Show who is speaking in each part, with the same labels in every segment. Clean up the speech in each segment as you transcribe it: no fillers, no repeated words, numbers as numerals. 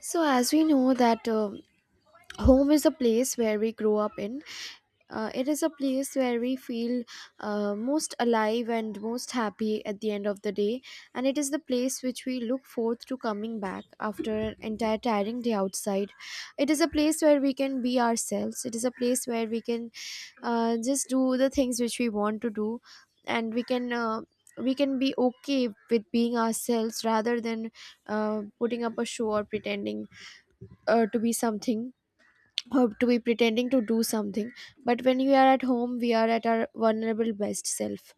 Speaker 1: So, as we know that Home is a place where we grow up in. It is a place where we feel most alive and most happy at the end of the day, and it is the place which we look forward to coming back after an entire tiring day outside. It is a place where we can be ourselves. It is a place where we can just do the things which we want to do, and we can be okay with being ourselves rather than putting up a show or pretending to be something or to be pretending to do something, but when we are at home we are at our vulnerable best self.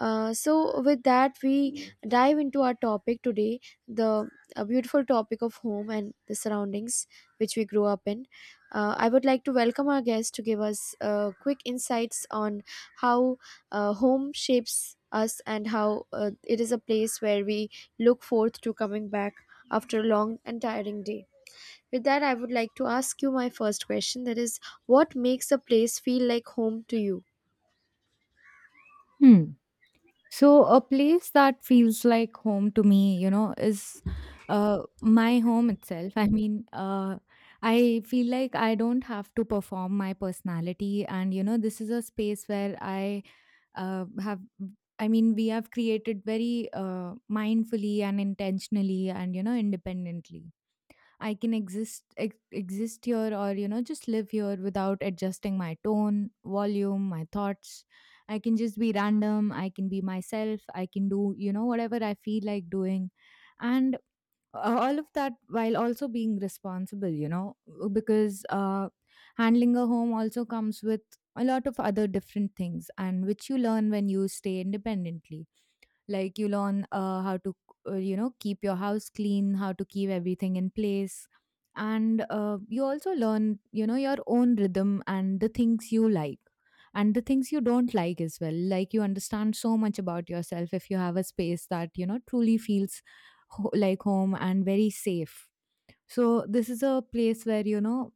Speaker 1: So with that, we dive into our topic today, the a beautiful topic of home and the surroundings which we grew up in. I would like to welcome our guest to give us quick insights on how home shapes us and how it is a place where we look forth to coming back after a long and tiring day. With that, I would like to ask you my first question, that is, what makes a place feel like home to you?
Speaker 2: Hmm. So, a place that feels like home to me, you know, is my home itself. I feel like I don't have to perform my personality. And, you know, this is a space where I uh, have, we have created very mindfully and intentionally and, you know, independently. I can exist here, or you know, just live here without adjusting my tone, volume, my thoughts. I can just be random, I can be myself, I can do, you know, whatever I feel like doing. And all of that while also being responsible, you know, because handling a home also comes with a lot of other different things, and which you learn when you stay independently. Like you learn how to, you know, keep your house clean, how to keep everything in place. And you also learn, you know, your own rhythm and the things you like and the things you don't like as well. Like you understand so much about yourself if you have a space that, you know, truly feels like home and very safe. So this is a place where, you know,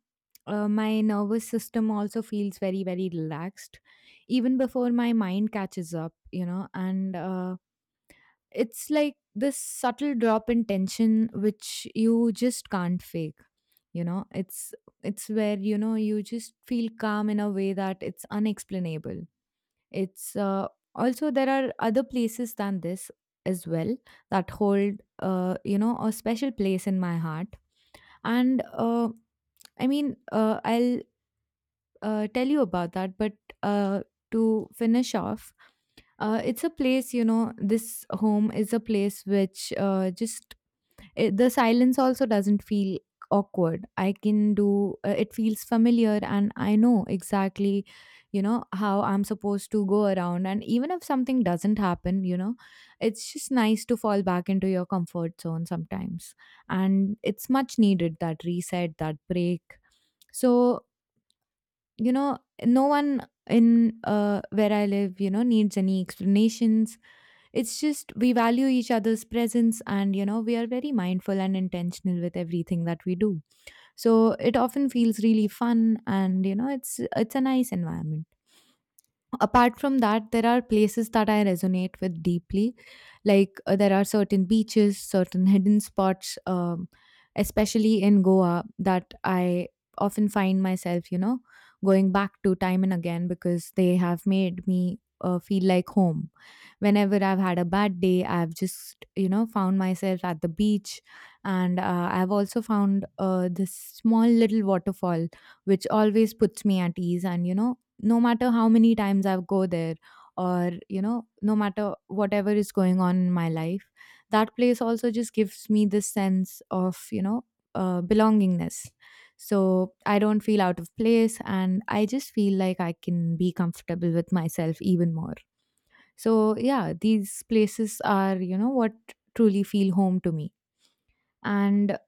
Speaker 2: my nervous system also feels very, very relaxed even before my mind catches up, you know. And it's like this subtle drop in tension which you just can't fake, you know? It's where, you know, you just feel calm in a way that it's unexplainable. It's Also, there are other places than this as well that hold, you know, a special place in my heart. And I'll tell you about that. But uh, to finish off, it's a place, you know, this home is a place which the silence also doesn't feel awkward. I can do it feels familiar, and I know exactly, you know, how I'm supposed to go around. And even if something doesn't happen, you know, it's just nice to fall back into your comfort zone sometimes, and it's much needed, that reset, that break. So, you know, no one in, where I live, you know, needs any explanations. It's just we value each other's presence, and, you know, we are very mindful and intentional with everything that we do. So it often feels really fun, and, you know, it's a nice environment. Apart from that, there are places that I resonate with deeply. Like, there are certain beaches, certain hidden spots, especially in Goa, that I often find myself, you know, going back to time and again, because they have made me feel like home. Whenever I've had a bad day, I've just, you know, found myself at the beach. And I've also found this small little waterfall, which always puts me at ease, and, you know, no matter how many times I go there, or, you know, no matter whatever is going on in my life, that place also just gives me this sense of, you know, belongingness. So I don't feel out of place, and I just feel like I can be comfortable with myself even more. So, yeah, these places are, you know, what truly feel home to me. And,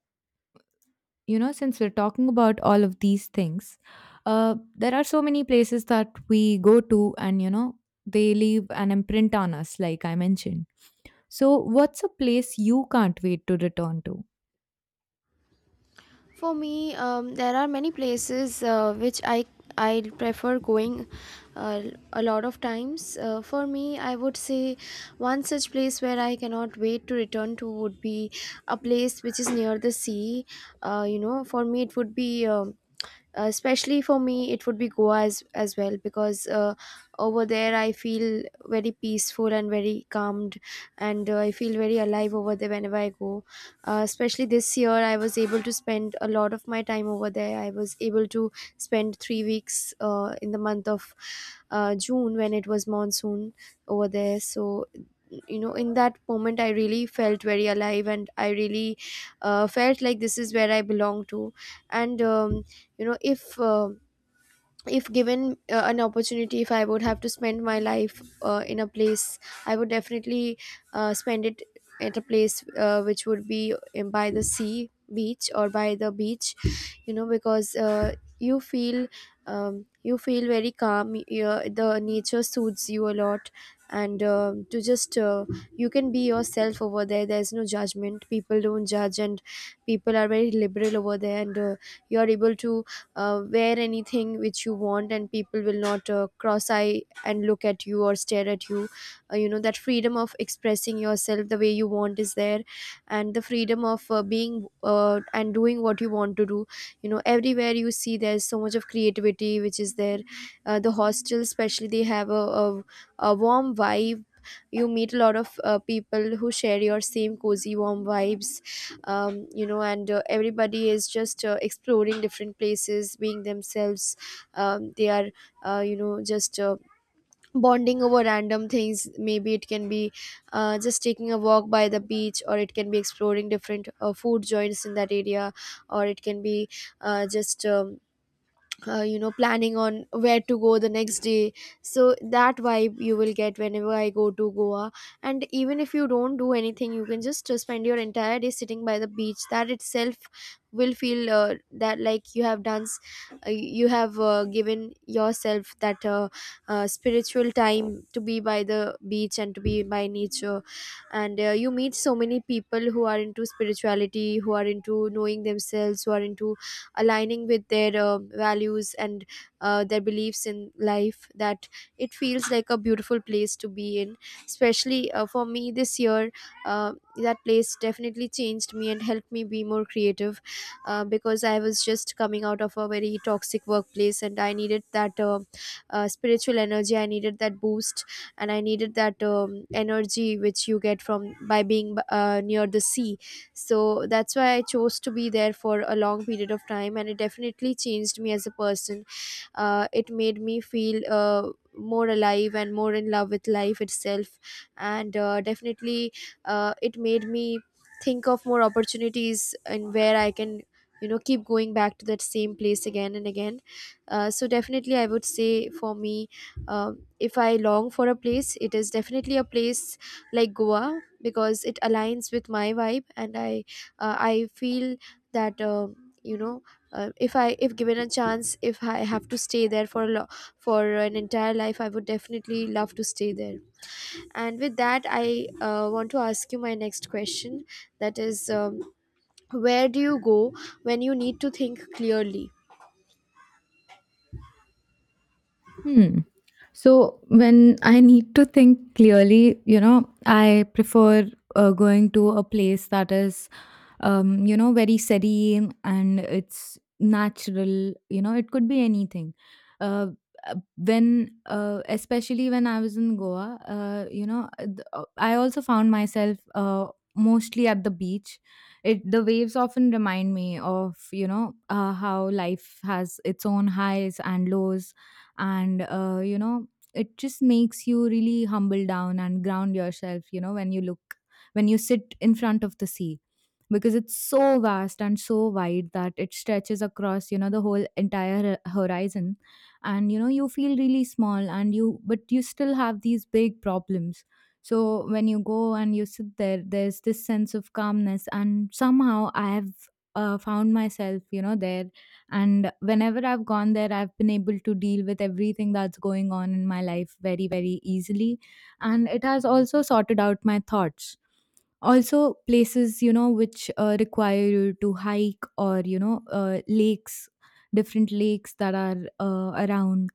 Speaker 2: you know, since we're talking about all of these things, there are so many places that we go to, and, you know, they leave an imprint on us, like I mentioned. So, what's a place you can't wait to return to?
Speaker 1: For me, there are many places which I prefer going uh, a lot of times. For me, I would say one such place where I cannot wait to return to would be a place which is near the sea. You know, for me, it would be especially for me, it would be Goa as well, because over there I feel very peaceful and very calmed, and I feel very alive over there whenever I go. Especially this year, I was able to spend a lot of my time over there. I was able to spend 3 weeks in the month of June, when it was monsoon over there. So, you know, in that moment, I really felt very alive and I really felt like this is where I belong to. And you know, if given an opportunity, if I would have to spend my life in a place, I would definitely spend it at a place which would be by the sea beach or by the beach, you know, because you feel you feel very calm. The nature soothes you a lot, and to just you can be yourself over there. There's no judgment, people don't judge, and people are very liberal over there, and you're able to wear anything which you want, and people will not cross eye and look at you or stare at you. You know, that freedom of expressing yourself the way you want is there, and the freedom of being and doing what you want to do. You know, everywhere you see, there's so much of creativity which is there. The hostels especially, they have a, a warm vibe. You meet a lot of people who share your same cozy warm vibes. You know, and everybody is just exploring different places, being themselves. They are you know, just bonding over random things. Maybe it can be just taking a walk by the beach, or it can be exploring different food joints in that area, or it can be just you know, planning on where to go the next day. So that vibe you will get whenever I go to Goa. And even if you don't do anything, you can just spend your entire day sitting by the beach. That itself will feel that, like, you have given yourself that spiritual time to be by the beach and to be by nature. And you meet so many people who are into spirituality, who are into knowing themselves, who are into aligning with their values and their beliefs in life, that it feels like a beautiful place to be in. Especially for me this year, that place definitely changed me and helped me be more creative, because I was just coming out of a very toxic workplace, and I needed that spiritual energy. I needed that boost, and I needed that energy which you get from by being near the sea. So that's why I chose to be there for a long period of time, and it definitely changed me as a person. It made me feel more alive and more in love with life itself. And definitely it made me think of more opportunities and where I can, you know, keep going back to that same place again and again. So definitely, I would say, for me, uh, if I long for a place, it is definitely a place like Goa, because it aligns with my vibe, and I I feel that you know, if given a chance, if I have to stay there for for an entire life, I would definitely love to stay there. And with that, I want to ask you my next question, that is, where do you go when you need to think clearly?
Speaker 2: Hmm. So when I need to think clearly, you know, I prefer going to a place that is, you know, very serene and it's natural. You know, it could be anything. Uh, when, especially when I was in Goa, I also found myself mostly at the beach. It the waves often remind me of, you know, how life has its own highs and lows. And you know, it just makes you really humble down and ground yourself, you know, when you look, when you sit in front of the sea, because it's so vast and so wide that it stretches across, you know, the whole entire horizon. And you know, you feel really small, and you, but you still have these big problems. So when you go and you sit there, there's this sense of calmness, and somehow I have found myself, you know, there. And whenever I've gone there, I've been able to deal with everything that's going on in my life very, very easily, and it has also sorted out my thoughts. Also places, you know, which require you to hike, or, you know, lakes, different lakes that are around.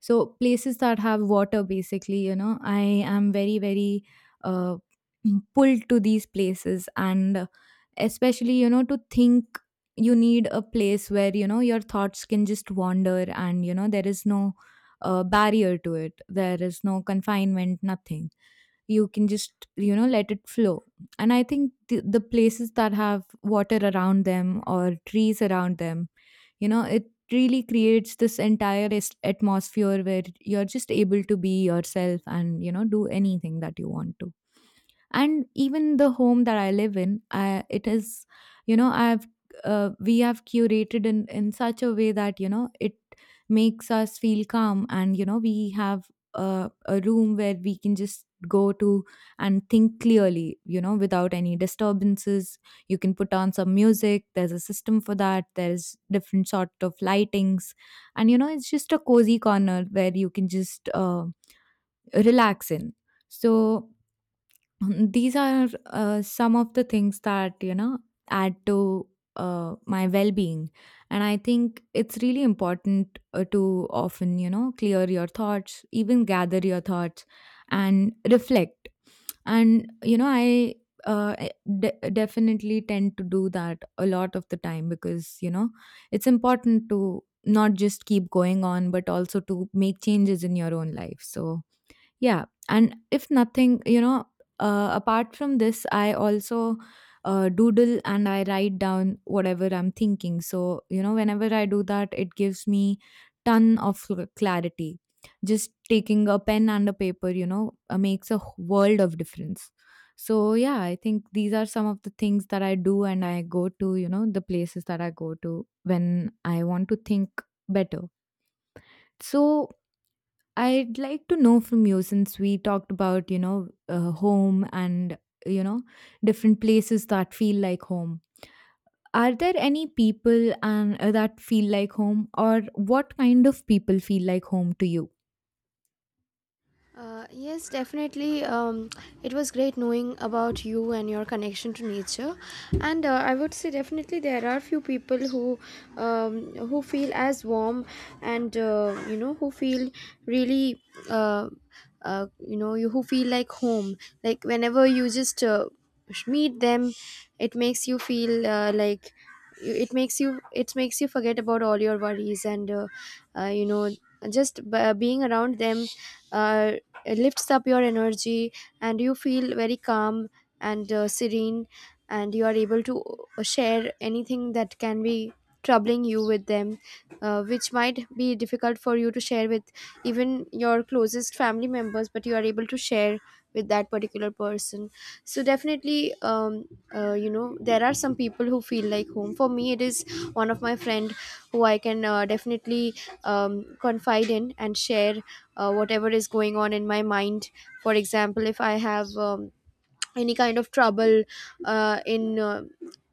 Speaker 2: So places that have water, basically, you know, I am very, very uh, pulled to these places. And especially, you know, to think, you need a place where, you know, your thoughts can just wander, and you know, there is no barrier to it, there is no confinement, nothing. You can just, you know, let it flow. And I think the places that have water around them or trees around them, you know, it really creates this entire atmosphere where you're just able to be yourself and, you know, do anything that you want to. And even the home that I live in, it is, you know, I've, we have curated in such a way that, you know, it makes us feel calm. And, you know, we have a room where we can just go to and think clearly, you know, without any disturbances. You can put on some music, there's a system for that, there's different sort of lightings. And, you know, it's just a cozy corner where you can just relax in. So these are some of the things that, you know, add to my well being. And I think it's really important to often, you know, clear your thoughts, even gather your thoughts and reflect. And, you know, I uh, definitely tend to do that a lot of the time, because, you know, it's important to not just keep going on, but also to make changes in your own life. So, yeah, and if nothing, you know, apart from this, I also doodle and I write down whatever I'm thinking. So, you know, whenever I do that, it gives me ton of clarity. Just taking a pen and a paper, you know, makes a world of difference. So, yeah, I think these are some of the things that I do and I go to, you know, the places that I go to when I want to think better. So, I'd like to know from you, since we talked about, you know, home and, you know, different places that feel like home. Are there any people and that feel like home, or what kind of people feel like home to you?
Speaker 1: Yes, definitely. It was great knowing about you and your connection to nature. And I would say definitely there are few people who feel as warm and you know, who feel really uh, you know, you who feel like home. Like whenever you just meet them, it makes you feel like it makes you, it makes you forget about all your worries, and you know, just being around them. Uh, it lifts up your energy, and you feel very calm and serene, and you are able to share anything that can be troubling you with them, which might be difficult for you to share with even your closest family members, but you are able to share with that particular person. So definitely, you know, there are some people who feel like home. For me, it is one of my friend who I can definitely confide in and share whatever is going on in my mind. For example, if I have any kind of trouble in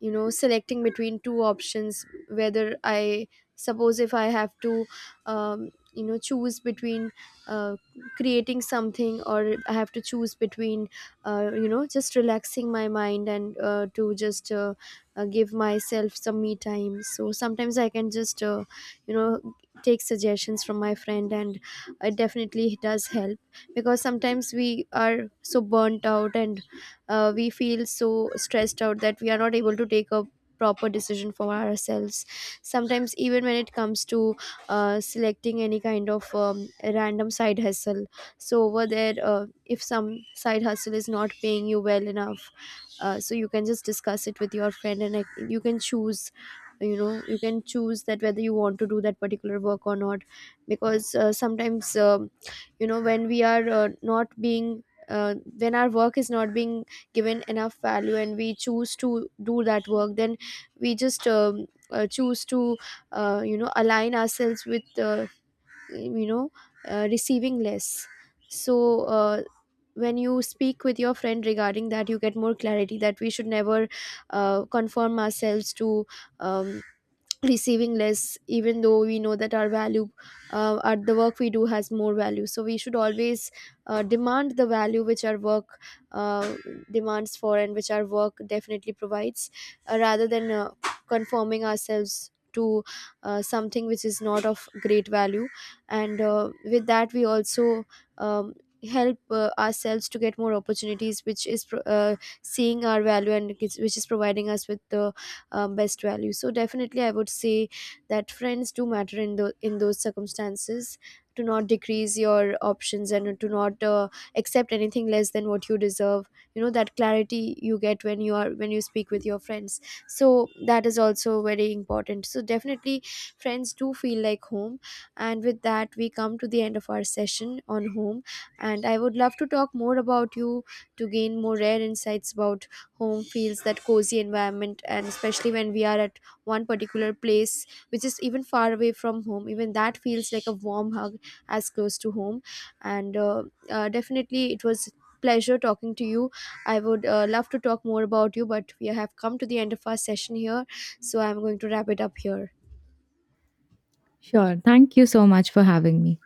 Speaker 1: you know, selecting between two options, whether I, suppose if I have to you know, choose between uh, creating something, or I have to choose between you know, just relaxing my mind, and to just give myself some me time. So sometimes I can just you know, take suggestions from my friend, and it definitely does help, because sometimes we are so burnt out, and we feel so stressed out, that we are not able to take a proper decision for ourselves. Sometimes even when it comes to selecting any kind of random side hustle. So over there, if some side hustle is not paying you well enough, so you can just discuss it with your friend, and like, you can choose, you know, you can choose that whether you want to do that particular work or not. Because sometimes um, you know, when we are not being when our work is not being given enough value, and we choose to do that work, then we just choose to you know, align ourselves with you know, receiving less. So when you speak with your friend regarding that, you get more clarity that we should never conform ourselves to um, receiving less, even though we know that our value at the work we do has more value. So we should always demand the value which our work uh, demands for, and which our work definitely provides, rather than conforming ourselves to something which is not of great value. And with that, we also um, help ourselves to get more opportunities, which is seeing our value, and which is providing us with the best value. So definitely, I would say that friends do matter in the in those circumstances, to not decrease your options, and to not accept anything less than what you deserve. You know, that clarity you get when you speak with your friends. So that is also very important. So definitely, friends do feel like home. And with that, we come to the end of our session on home, and I would love to talk more about you, to gain more rare insights about home feels, that cozy environment, and especially when we are at one particular place which is even far away from home, even that feels like a warm hug, as close to home. And definitely it was pleasure talking to you. I would love to talk more about you, but we have come to the end of our session here, so I'm going to wrap it up here.
Speaker 2: Sure. Thank you so much for having me.